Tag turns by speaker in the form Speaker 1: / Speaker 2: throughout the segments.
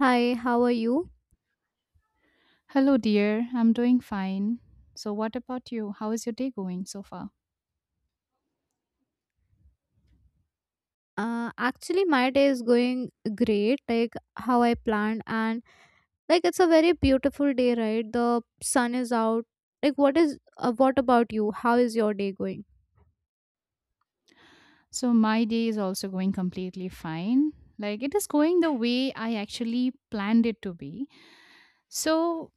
Speaker 1: Hi, how are you?
Speaker 2: Hello, dear. I'm doing fine. So, what about you? How is your day going so far?
Speaker 1: Actually, my day is going great, like how I planned, and like it's a very beautiful day, right? The sun is out. Like, what about you? How is your day going?
Speaker 2: So, my day is also going completely fine. Like, it is going the way I actually planned it to be. So,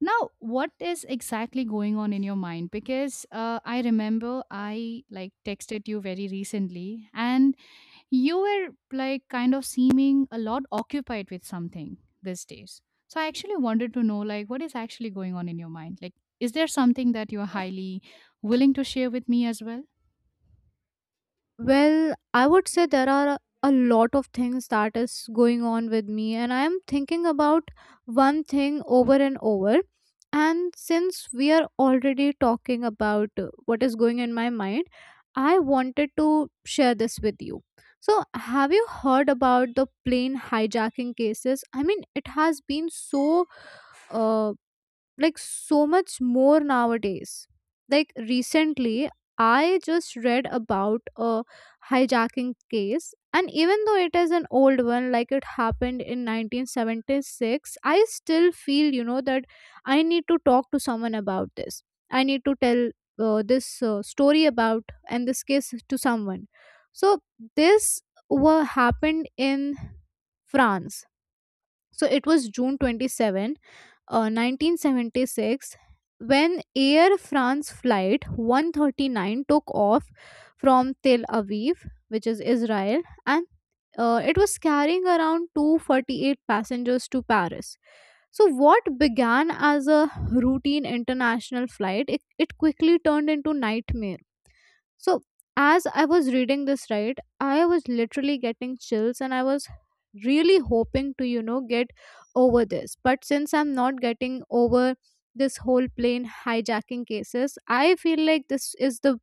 Speaker 2: now what is exactly going on in your mind? Because I remember I like texted you very recently and you were like kind of seeming a lot occupied with something these days. So I actually wanted to know like what is actually going on in your mind? Like is there something that you're highly willing to share with me as well?
Speaker 1: Well, I would say there are a lot of things that is going on with me, and I am thinking about one thing over and over. And since we are already talking about what is going in my mind, I wanted to share this with you. So, have you heard about the plane hijacking cases? I mean, it has been so uh, like so much more nowadays. Like recently, I just read about a hijacking case, and even though it is an old one, like it happened in 1976, I still feel that I need to talk to someone about this. I need to tell this story about and this case to someone. So, this what happened in France. So it was June 27 1976 when Air France flight 139 took off from Tel Aviv, which is Israel, and it was carrying around 248 passengers to Paris. So, what began as a routine international flight, it quickly turned into nightmare. So, as I was reading this, right, I was literally getting chills and I was really hoping to get over this. But since I'm not getting over this whole plane hijacking cases, I feel like this is the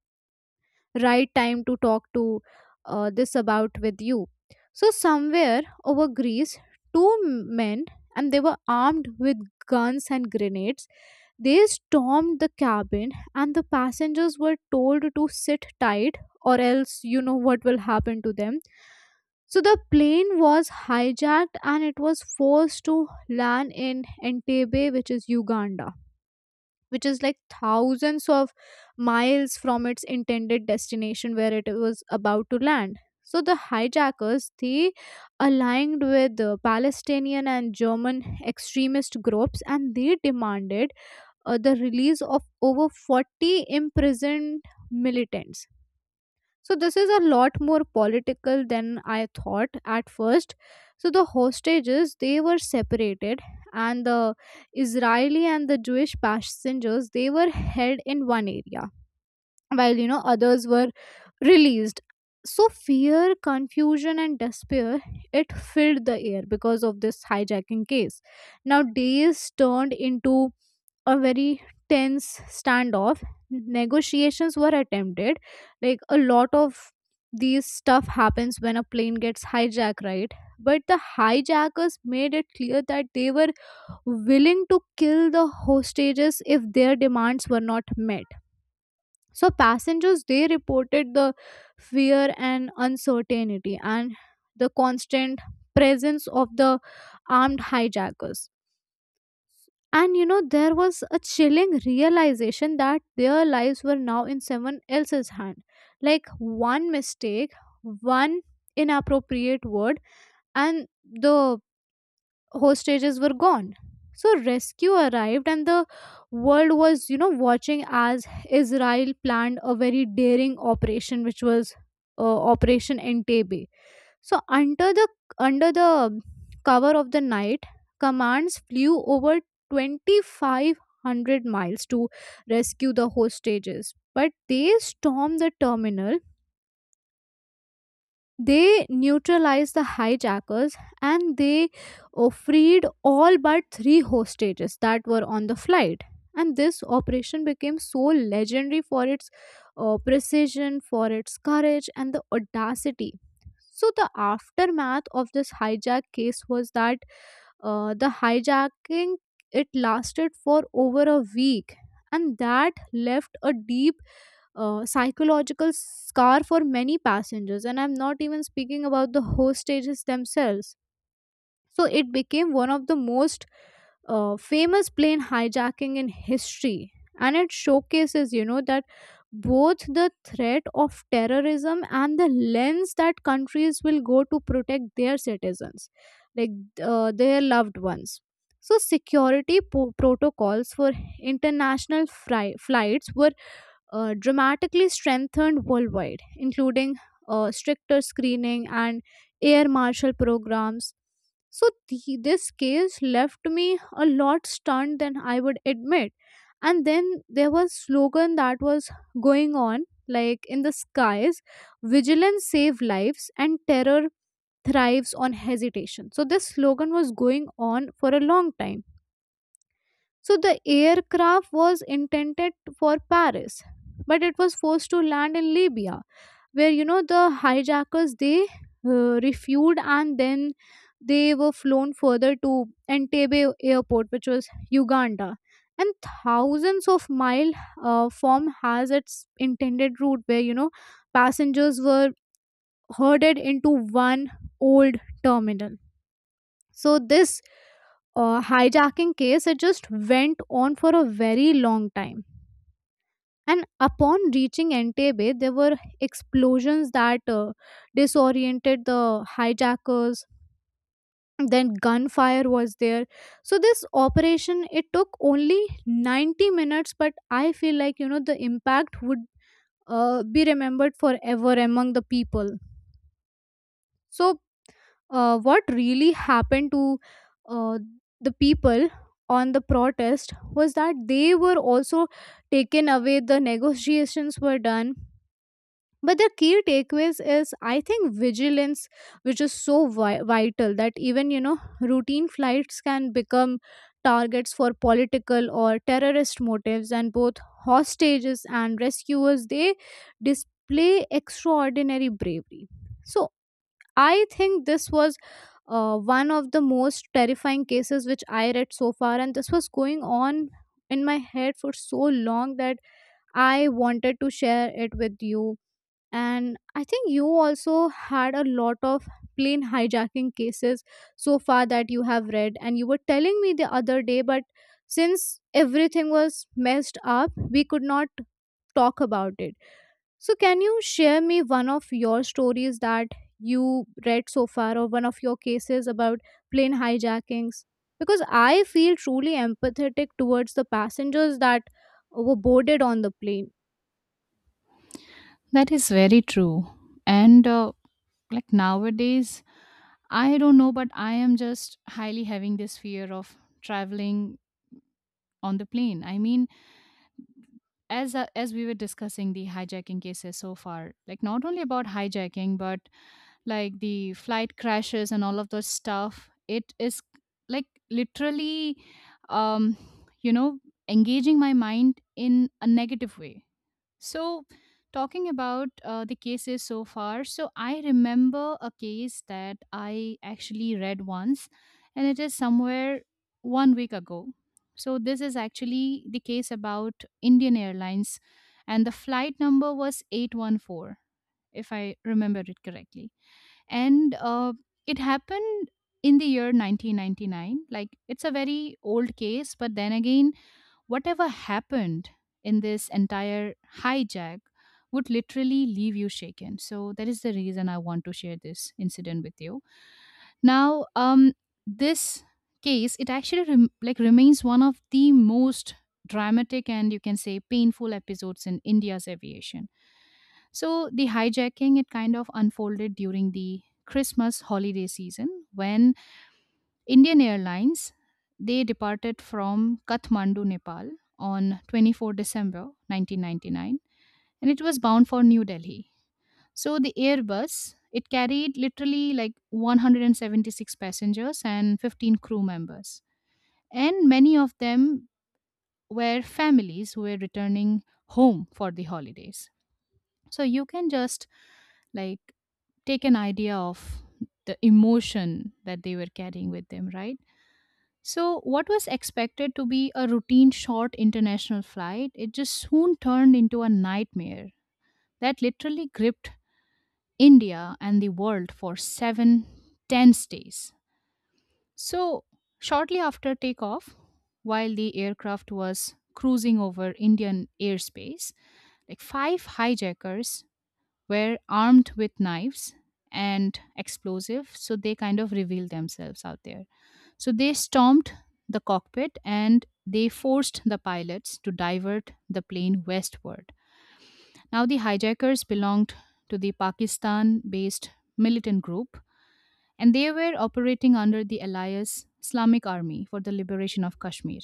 Speaker 1: right time to talk to this about with you. So, somewhere over Greece, two men and they were armed with guns and grenades they stormed the cabin, and the passengers were told to sit tight, or else you know what will happen to them. So the plane was hijacked and it was forced to land in Entebbe, which is Uganda, which is like thousands of miles from its intended destination where it was about to land. So the hijackers they aligned with the Palestinian and German extremist groups and they demanded the release of over 40 imprisoned militants. So, this is a lot more political than I thought at first. So, the hostages they were separated, and the Israeli and the Jewish passengers they were held in one area, while others were released. So, fear, confusion, and despair it filled the air because of this hijacking case. Now, days turned into a very tense standoff. Negotiations were attempted, like a lot of these stuff happens when a plane gets hijacked, right? But the hijackers made it clear that they were willing to kill the hostages if their demands were not met. So passengers they reported the fear and uncertainty and the constant presence of the armed hijackers, and there was a chilling realization that their lives were now in someone else's hand. Like one mistake, one inappropriate word, and the hostages were gone. So, rescue arrived, and the world was watching as Israel planned a very daring operation, which was Operation Entebbe. So under the cover of the night, commands flew over 2,500 miles to rescue the hostages, but they stormed the terminal, they neutralized the hijackers, and they freed all but three hostages that were on the flight. And this operation became so legendary for its precision, for its courage, and the audacity. So, the aftermath of this hijack case was that the hijacking it lasted for over a week and that left a deep psychological scar for many passengers, and I'm not even speaking about the hostages themselves. So it became one of the most famous plane hijacking in history, and it showcases that both the threat of terrorism and the lens that countries will go to protect their citizens, like their loved ones. So, security protocols for international flights were dramatically strengthened worldwide, including stricter screening and air marshal programs. So, this case left me a lot stunned than I would admit. And then there was slogan that was going on, like in the skies, vigilance save lives and terror thrives on hesitation. So this slogan was going on for a long time. So the aircraft was intended for Paris, but it was forced to land in Libya, where the hijackers they refueled and then they were flown further to Entebbe airport, which was Uganda. And thousands of mile form has its intended route, where passengers were herded into one old terminal. So this hijacking case it just went on for a very long time. And upon reaching Entebbe, there were explosions that disoriented the hijackers. Then gunfire was there. So this operation it took only 90 minutes, but I feel like the impact would be remembered forever among the people. So what really happened to uh, the people on the protest was that they were also taken away, the negotiations were done, but the key takeaways is, I think, vigilance, which is so vital, that even routine flights can become targets for political or terrorist motives, and both hostages and rescuers they display extraordinary bravery. So I think this was one of the most terrifying cases which I read so far, and this was going on in my head for so long that I wanted to share it with you. And I think you also had a lot of plane hijacking cases so far that you have read, and you were telling me the other day, but since everything was messed up, we could not talk about it. So, can you share me one of your stories that you read so far, or one of your cases about plane hijackings? Because I feel truly empathetic towards the passengers that were boarded on the plane.
Speaker 2: That is very true. And like nowadays, I don't know, but I am just highly having this fear of traveling on the plane. I mean, as we were discussing the hijacking cases so far, like not only about hijacking, but like the flight crashes and all of those stuff, it is like literally um you know engaging my mind in a negative way. So talking about the cases so far, so I remember a case that I actually read once, and it is somewhere 1 week ago. So this is actually the case about Indian Airlines, and the flight number was 814, if I remember it correctly. And it happened in the year 1999. Like, it's a very old case, but then again, whatever happened in this entire hijack would literally leave you shaken. So that is the reason I want to share this incident with you now. This case, it actually remains one of the most dramatic and, you can say, painful episodes in India's aviation. So the hijacking, it kind of unfolded during the Christmas holiday season, when Indian Airlines, they departed from Kathmandu, Nepal on 24 December 1999, and it was bound for New Delhi. So the Airbus, it carried literally like 176 passengers and 15 crew members, and many of them were families who were returning home for the holidays. So you can just like take an idea of the emotion that they were carrying with them, right? So what was expected to be a routine short international flight, it just soon turned into a nightmare that literally gripped India and the world for 7 tense days. So, shortly after takeoff, while the aircraft was cruising over Indian airspace, like 5 hijackers were armed with knives and explosive, so they kind of revealed themselves out there. So they stormed the cockpit and they forced the pilots to divert the plane westward. Now the hijackers belonged to the pakistan based militant group, and they were operating under the alias Islamic Army for the Liberation of Kashmir.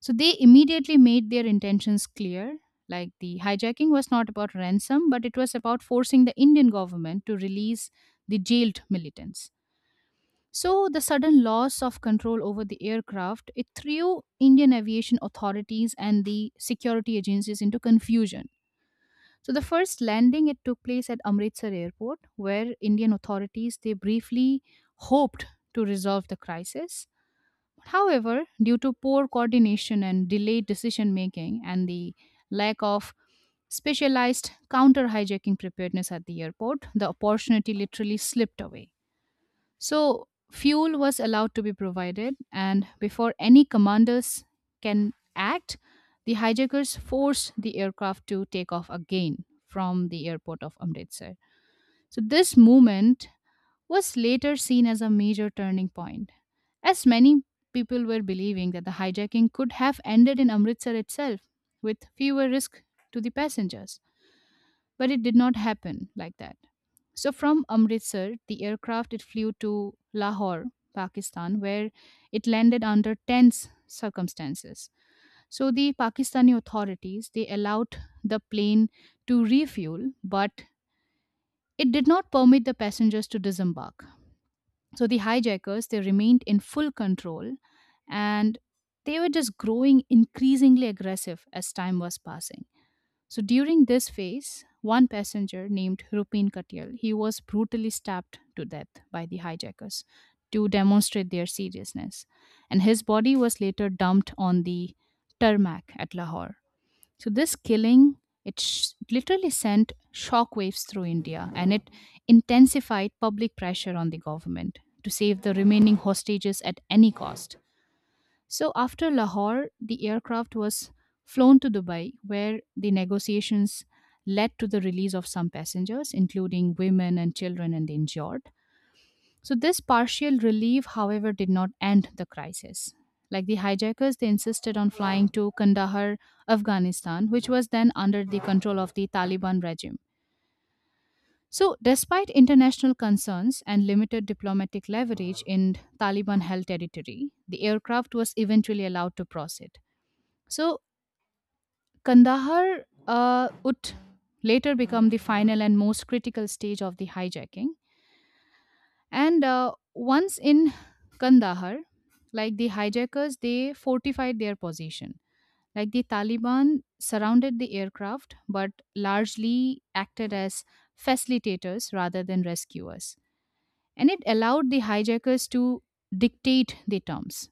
Speaker 2: So they immediately made their intentions clear. Like, the hijacking was not about ransom, but it was about forcing the Indian government to release the jailed militants. So the sudden loss of control over the aircraft, it threw Indian aviation authorities and the security agencies into confusion. So the first landing, it took place at Amritsar airport, where Indian authorities, they briefly hoped to resolve the crisis. However, due to poor coordination and delayed decision making and the lack of specialized counter hijacking preparedness at the airport, the opportunity literally slipped away. So fuel was allowed to be provided, and before any commanders can act, the hijackers forced the aircraft to take off again from the airport of Amritsar. So this movement was later seen as a major turning point, as many people were believing that the hijacking could have ended in Amritsar itself with fewer risk to the passengers. But it did not happen like that. So from Amritsar, the aircraft, it flew to Lahore, Pakistan, where it landed under tense circumstances. So the Pakistani authorities, they allowed the plane to refuel, but it did not permit the passengers to disembark. So the hijackers, they remained in full control, and they were just growing increasingly aggressive as time was passing. So during this phase, one passenger named Rupin Katyal, he was brutally stabbed to death by the hijackers to demonstrate their seriousness. And his body was later dumped on the tarmac at Lahore. So this killing, it literally sent shockwaves through India, and it intensified public pressure on the government to save the remaining hostages at any cost. So after Lahore, the aircraft was flown to Dubai, where the negotiations led to the release of some passengers, including women and children and the injured. So this partial relief, however, did not end the crisis. Like the hijackers, they insisted on flying to Kandahar, Afghanistan, which was then under the control of the Taliban regime. So despite international concerns and limited diplomatic leverage in Taliban held territory, the aircraft was eventually allowed to proceed. So Kandahar would later become the final and most critical stage of the hijacking. And once in Kandahar, like the hijackers, they fortified their position. Like, the Taliban surrounded the aircraft, but largely acted as facilitators rather than rescuers, and it allowed the hijackers to dictate the terms.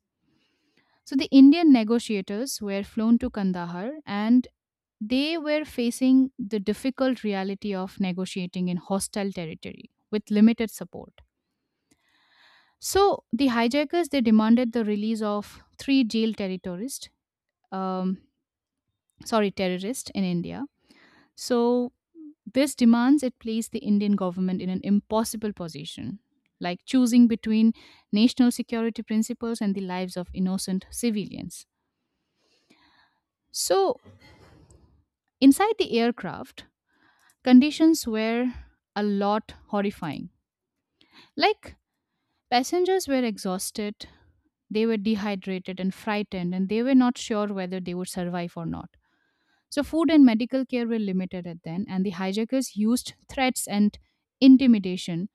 Speaker 2: So the Indian negotiators were flown to Kandahar, and they were facing the difficult reality of negotiating in hostile territory with limited support. So the hijackers, they demanded the release of 3 jail terrorists, um, sorry, terrorists in India. So this demands, it placed the Indian government in an impossible position, like choosing between national security principles and the lives of innocent civilians. So inside the aircraft, conditions were a lot horrifying. Like, passengers were exhausted, they were dehydrated and frightened, and they were not sure whether they would survive or not. So food and medical care were limited at then, and the hijackers used threats and intimidation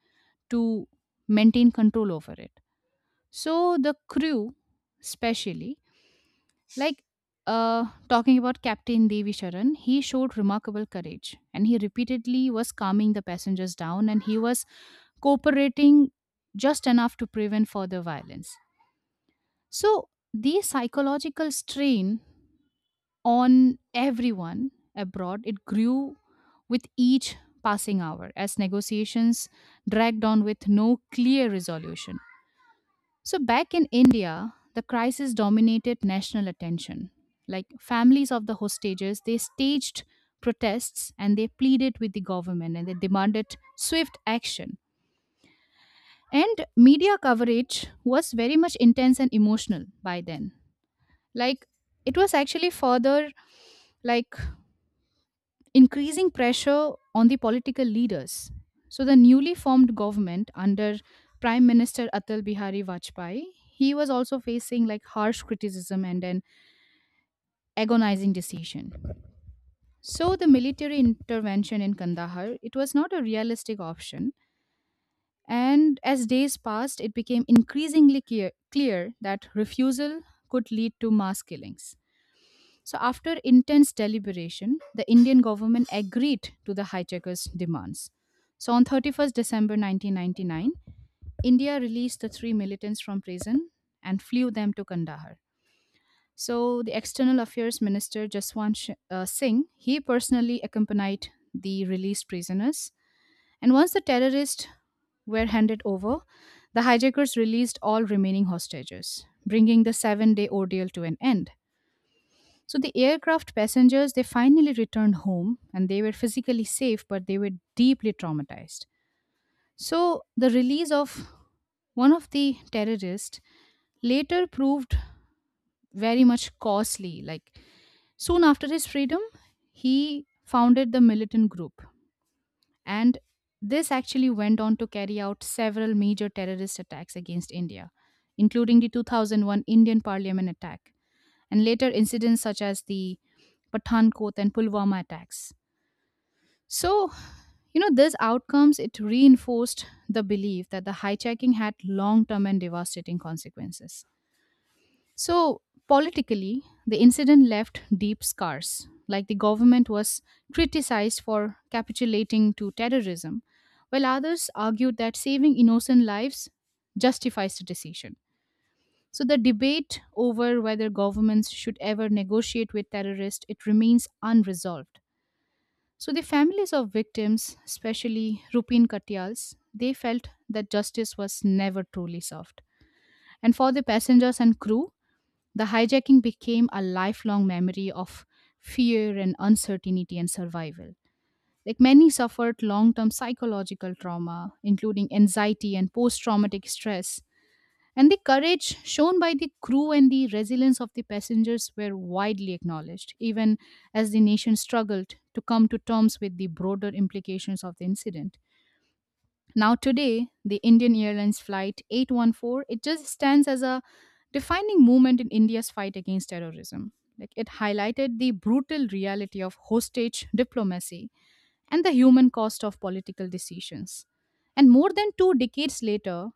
Speaker 2: to maintain control over it. So the crew, especially, like talking about Captain Devi Sharan, he showed remarkable courage, and he repeatedly was calming the passengers down, and he was cooperating just enough to prevent further violence. So the psychological strain on everyone abroad, it grew with each passing hour, as negotiations dragged on with no clear resolution. So back in India, the crisis dominated national attention. Like, families of the hostages, they staged protests and they pleaded with the government and they demanded swift action. And media coverage was very much intense and emotional by then. Like, it was actually further like increasing pressure on the political leaders. So the newly formed government under Prime Minister Atal Bihari Vajpayee, he was also facing like harsh criticism and an agonizing decision. So the military intervention in Kandahar, it was not a realistic option, and as days passed it became increasingly clear that refusal could lead to mass killings. So after intense deliberation, the Indian government agreed to the hijackers' demands. So on 31st December 1999, India released the 3 militants from prison and flew them to Kandahar. So the External Affairs Minister Jaswant Singh, he personally accompanied the released prisoners. And once the terrorists were handed over, the hijackers released all remaining hostages, bringing the 7-day ordeal to an end. So the aircraft passengers, they finally returned home, and they were physically safe, but they were deeply traumatized. So the release of one of the terrorists later proved very much costly. Like, soon after his freedom, he founded the militant group, and this actually went on to carry out several major terrorist attacks against India, including the 2001 Indian parliament attack and later incidents such as the Pathankot and Pulwama attacks. So, you know, these outcomes, it reinforced the belief that the hijacking had long-term and devastating consequences. So, politically, the incident left deep scars. Like, the government was criticized for capitulating to terrorism, while others argued that saving innocent lives justifies the decision. So the debate over whether governments should ever negotiate with terrorists, it remains unresolved. So the families of victims, especially Rupin Katyals, they felt that justice was never truly served. And for the passengers and crew, the hijacking became a lifelong memory of fear and uncertainty and survival. Like, many suffered long term psychological trauma, including anxiety and post traumatic stress, and the courage shown by the crew and the resilience of the passengers were widely acknowledged, even as the nation struggled to come to terms with the broader implications of the incident. Now, today, the Indian Airlines Flight 814, it just stands as a defining moment in India's fight against terrorism. Like, it highlighted the brutal reality of hostage diplomacy and the human cost of political decisions. And more than two decades later,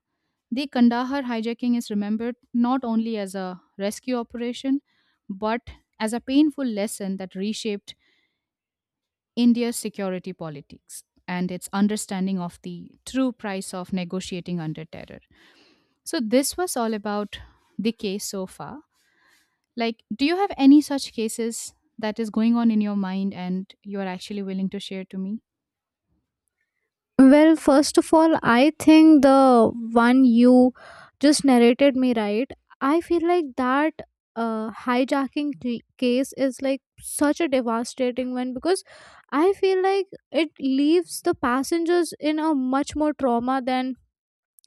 Speaker 2: the Kandahar hijacking is remembered not only as a rescue operation, but as a painful lesson that reshaped India's security politics and its understanding of the true price of negotiating under terror. So this was all about the case so far. Like, do you have any such cases that is going on in your mind and you are actually willing to share to me?
Speaker 1: Well, first of all, I think the one you just narrated me, right? I feel like that hijacking case is like such a devastating one because I feel like it leaves the passengers in a much more trauma than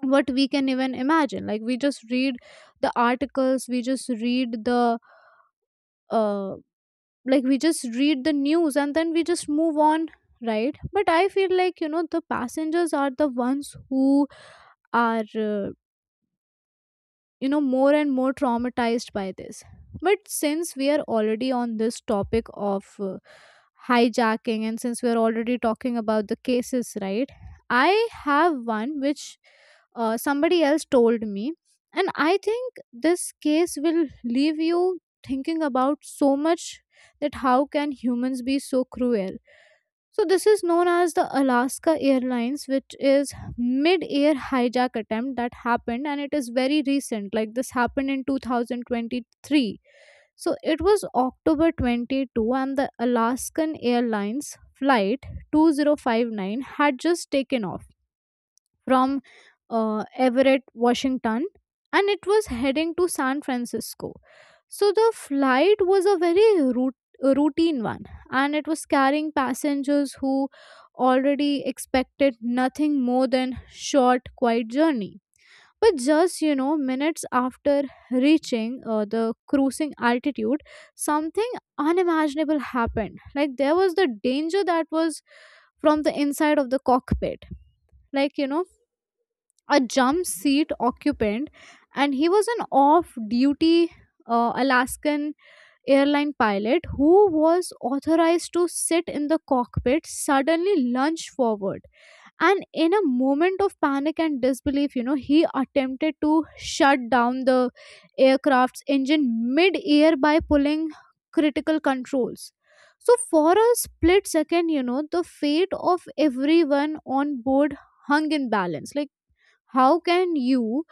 Speaker 1: what we can even imagine. Like, we just read the articles, we just read the uh, like we just read the news and then we just move on, right? But I feel like the passengers are the ones who are uh, more and more traumatized by this. But since we are already on this topic of hijacking and since we are already talking about the cases, right, I have one which somebody else told me, and I think this case will leave you thinking about so much that how can humans be so cruel. So this is known as the Alaska Airlines, which is mid-air hijack attempt that happened, and it is very recent. Like this happened in 2023. So it was October 22, and the Alaskan Airlines flight 2059 had just taken off from Everett, Washington, and it was heading to San Francisco. So the flight was a very routine one, and it was carrying passengers who already expected nothing more than short, quiet journey. But just minutes after reaching the cruising altitude, something unimaginable happened. Like there was the danger that was from the inside of the cockpit. Like, a jump seat occupant, and he was an off duty Alaskan airline pilot who was authorized to sit in the cockpit suddenly lunged forward. And in a moment of panic and disbelief, he attempted to shut down the aircraft's engine mid air by pulling critical controls. So, for a split second, the fate of everyone on board hung in balance. Like, how can you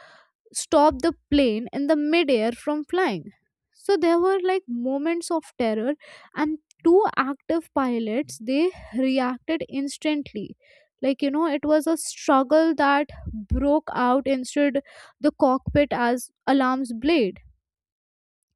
Speaker 1: stop the plane in the midair from flying? So there were like moments of terror, and two active pilots they reacted instantly. Like, it was a struggle that broke out instead the cockpit as alarms blade.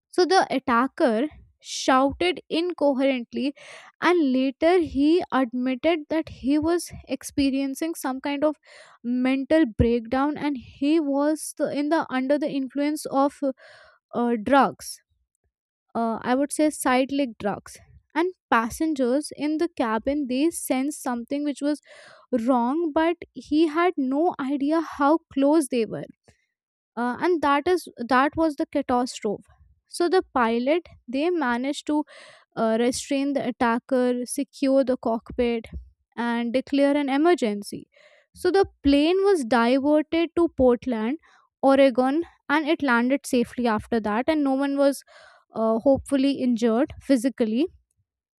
Speaker 1: So the attacker shouted incoherently and later he admitted that he was experiencing some kind of mental breakdown and he was the, in the under the influence of drugs, I would say psychedelic drugs. And passengers in the cabin they sensed something which was wrong but he had no idea how close they were, and that was the catastrophe. So the pilot they managed to restrain the attacker, secure the cockpit, and declare an emergency. So the plane was diverted to Portland, Oregon, and it landed safely after that, and no one was hopefully injured physically.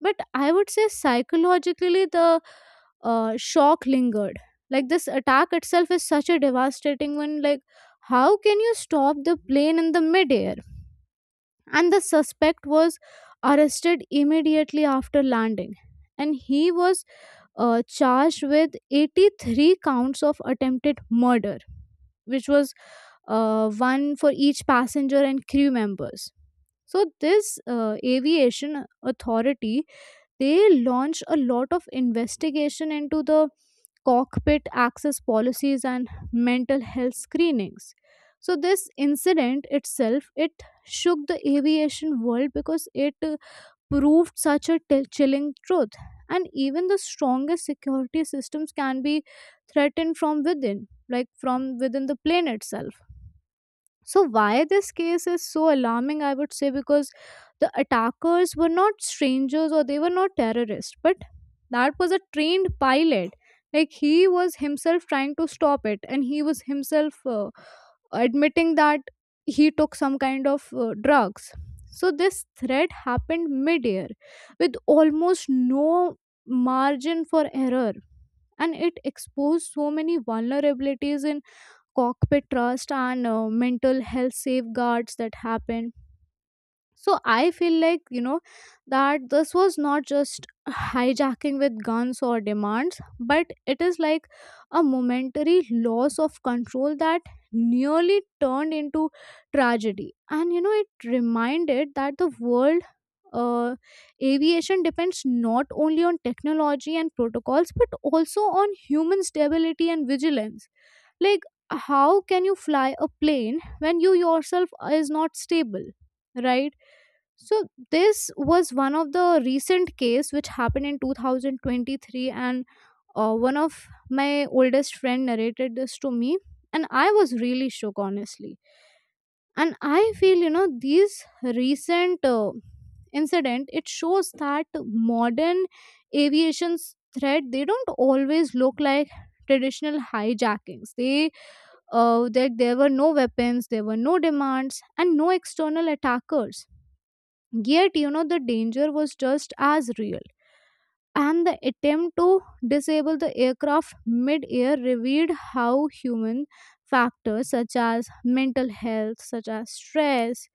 Speaker 1: But I would say psychologically the shock lingered. Like this attack itself is such a devastating one. Like how can you stop the plane in the midair? And the suspect was arrested immediately after landing, and he was charged with 83 counts of attempted murder, which was one for each passenger and crew members. So this aviation authority they launched a lot of investigation into the cockpit access policies and mental health screenings. So this incident itself it shook the aviation world because it proved such a chilling truth, and even the strongest security systems can be threatened from within, like from within the plane itself. So why this case is so alarming, I would say, because the attackers were not strangers or they were not terrorists, but that was a trained pilot. Like he was himself trying to stop it, and he was himself admitting that he took some kind of drugs. So this threat happened mid-air with almost no margin for error, and it exposed so many vulnerabilities in cockpit trust and mental health safeguards that happen. So I feel like that this was not just hijacking with guns or demands, but it is like a momentary loss of control that nearly turned into tragedy. And it reminded that the world uh, aviation depends not only on technology and protocols but also on human stability and vigilance. Like how can you fly a plane when you yourself is not stable, right? So this was one of the recent case which happened in 2023, and one of my oldest friend narrated this to me, and I was really shook honestly. And I feel these recent incident it shows that modern aviation's threat they don't always look like traditional hijackings, they that there were no weapons, there were no demands, and no external attackers. Yet, the danger was just as real. And the attempt to disable the aircraft mid air revealed how human factors such as mental health, such as stress,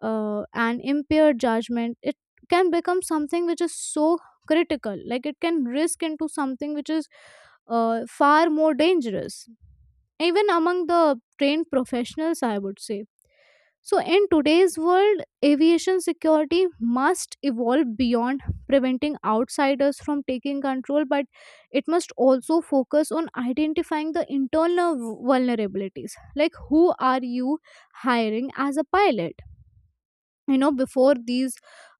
Speaker 1: and impaired judgment, it can become something which is so critical. Like it can risk into something which is far more dangerous, even among the trained professionals, I would say. So, in today's world, aviation security must evolve beyond preventing outsiders from taking control, but it must also focus on identifying the internal vulnerabilities. Like, who are you hiring as a pilot? Before these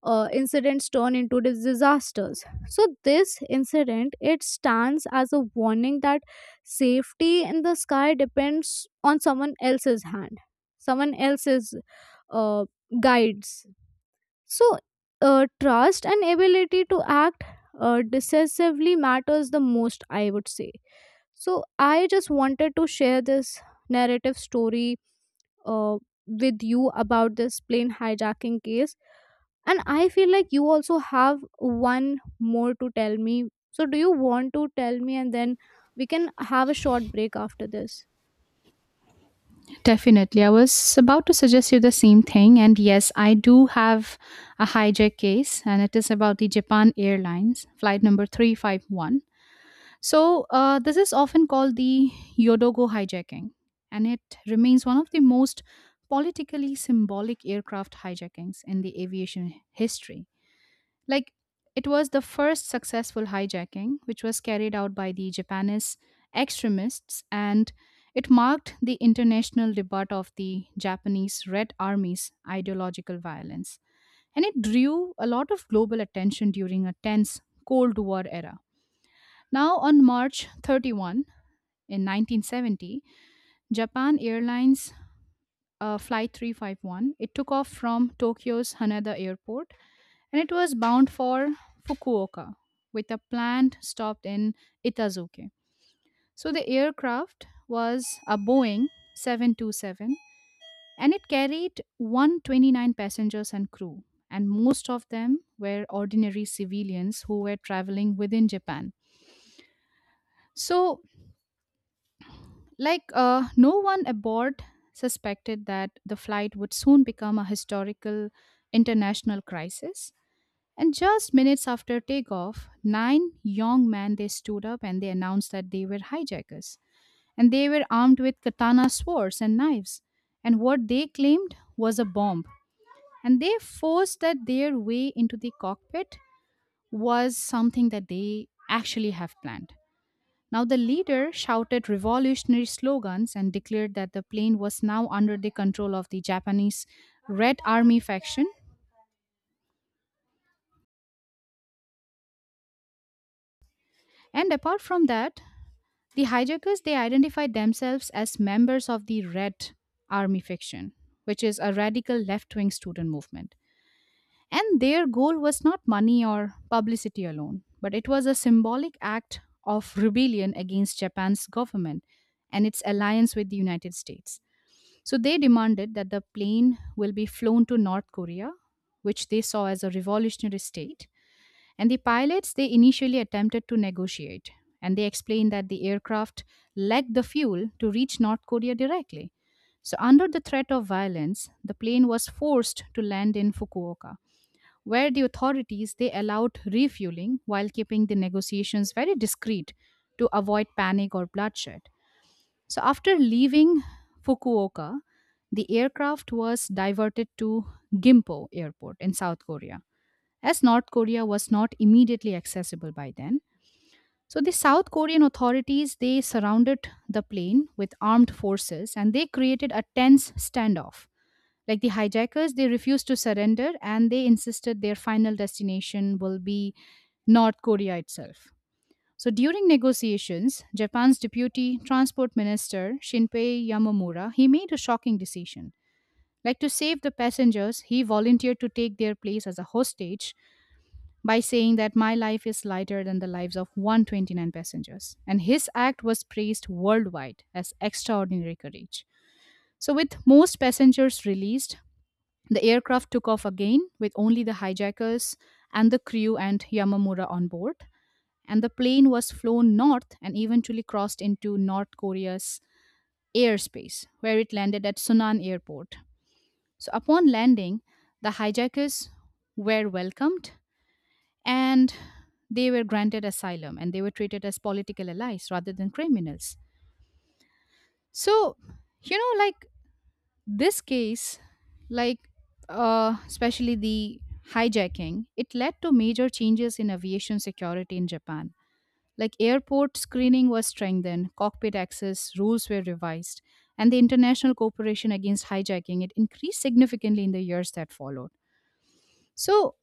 Speaker 1: incidents turn into disasters. So this incident it stands as a warning that safety in the sky depends on someone else's hand, someone else's uh, guides. So trust and ability to act decisively matters the most, I would say. So I just wanted to share this narrative story uh, with you about this plane hijacking case, and I feel like you also have one more to tell me. So do you want to tell me and then we can have a short break after this?
Speaker 2: Definitely. I was about to suggest you the same thing. And yes, I do have a hijack case, and it is about the Japan Airlines, flight number 351. So, this is often called the Yodogo hijacking, and it remains one of the most politically symbolic aircraft hijackings in the aviation history. Like, it was the first successful hijacking, which was carried out by the Japanese extremists, and it marked the international debut of the Japanese Red Army's ideological violence. And it drew a lot of global attention during a tense Cold War era. Now, on March 31 in 1970, Japan Airlines Flight 351, it took off from Tokyo's Haneda Airport and it was bound for Fukuoka with a planned stop in Itazuke. So the aircraft was a Boeing 727 and it carried 129 passengers and crew, and most of them were ordinary civilians who were traveling within Japan. So no one aboard suspected that the flight would soon become a historical international crisis. And just minutes after takeoff, nine young men they stood up and they announced that they were hijackers. And they were armed with katana swords and knives. And what they claimed was a bomb. And they forced that their way into the cockpit was something that they actually have planned. Now the leader shouted revolutionary slogans and declared that the plane was now under the control of the Japanese Red Army faction, and apart from that, the hijackers they identified themselves as members of the Red Army faction, which is a radical left-wing student movement. And their goal was not money or publicity alone, but it was a symbolic act of rebellion against Japan's government and its alliance with the United States. So they demanded that the plane will be flown to North Korea, which they saw as a revolutionary state, and the pilots, they initially attempted to negotiate, and they explained that the aircraft lacked the fuel to reach North Korea directly. So, under the threat of violence, the plane was forced to land in Fukuoka, where the authorities they allowed refueling while keeping the negotiations very discreet to avoid panic or bloodshed. So, after leaving Fukuoka, the aircraft was diverted to Gimpo Airport in South Korea, as North Korea was not immediately accessible by then. So the South Korean authorities they surrounded the plane with armed forces and they created a tense standoff. Like the hijackers, they refused to surrender and they insisted their final destination will be North Korea itself. So during negotiations, Japan's deputy transport minister Shinpei Yamamura, he made a shocking decision. Like, to save the passengers, he volunteered to take their place as a hostage by saying that my life is lighter than the lives of 129 passengers. And his act was praised worldwide as extraordinary courage. So, with most passengers released, the aircraft took off again with only the hijackers and the crew and Yamamura on board. And the plane was flown north and eventually crossed into North Korea's airspace, where it landed at Sunan Airport. So, upon landing, the hijackers were welcomed and they were granted asylum and they were treated as political allies rather than criminals. So, like, this case, like, especially the hijacking, it led to major changes in aviation security in Japan. Like, airport screening was strengthened, cockpit access rules were revised, and the international cooperation against hijacking it increased significantly in the years that followed. So,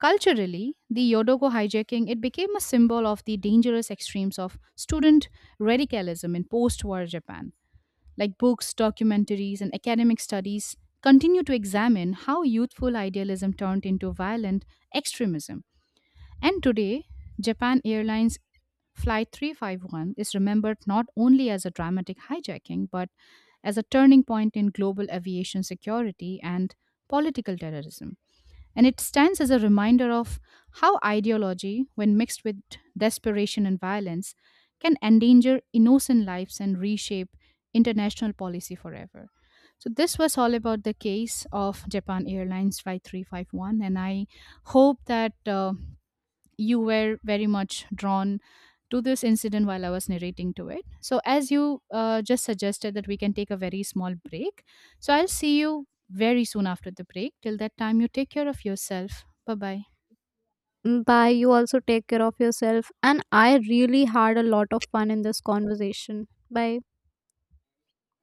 Speaker 2: culturally, the Yodogo hijacking it became a symbol of the dangerous extremes of student radicalism in post-war Japan. Like books, documentaries, and academic studies continue to examine how youthful idealism turned into violent extremism. And today, Japan Airlines Flight 351 is remembered not only as a dramatic hijacking but as a turning point in global aviation security and political terrorism, and it stands as a reminder of how ideology, when mixed with desperation and violence, can endanger innocent lives and reshape international policy forever. So, this was all about the case of Japan Airlines Flight 351, and I hope that you were very much drawn to this incident while I was narrating to it. So, as you just suggested that we can take a very small break, so I'll see you very soon after the break. Till that time, you take care of yourself. Bye bye.
Speaker 1: Mm, bye, you also take care of yourself and I really had a lot of fun in this conversation. Bye.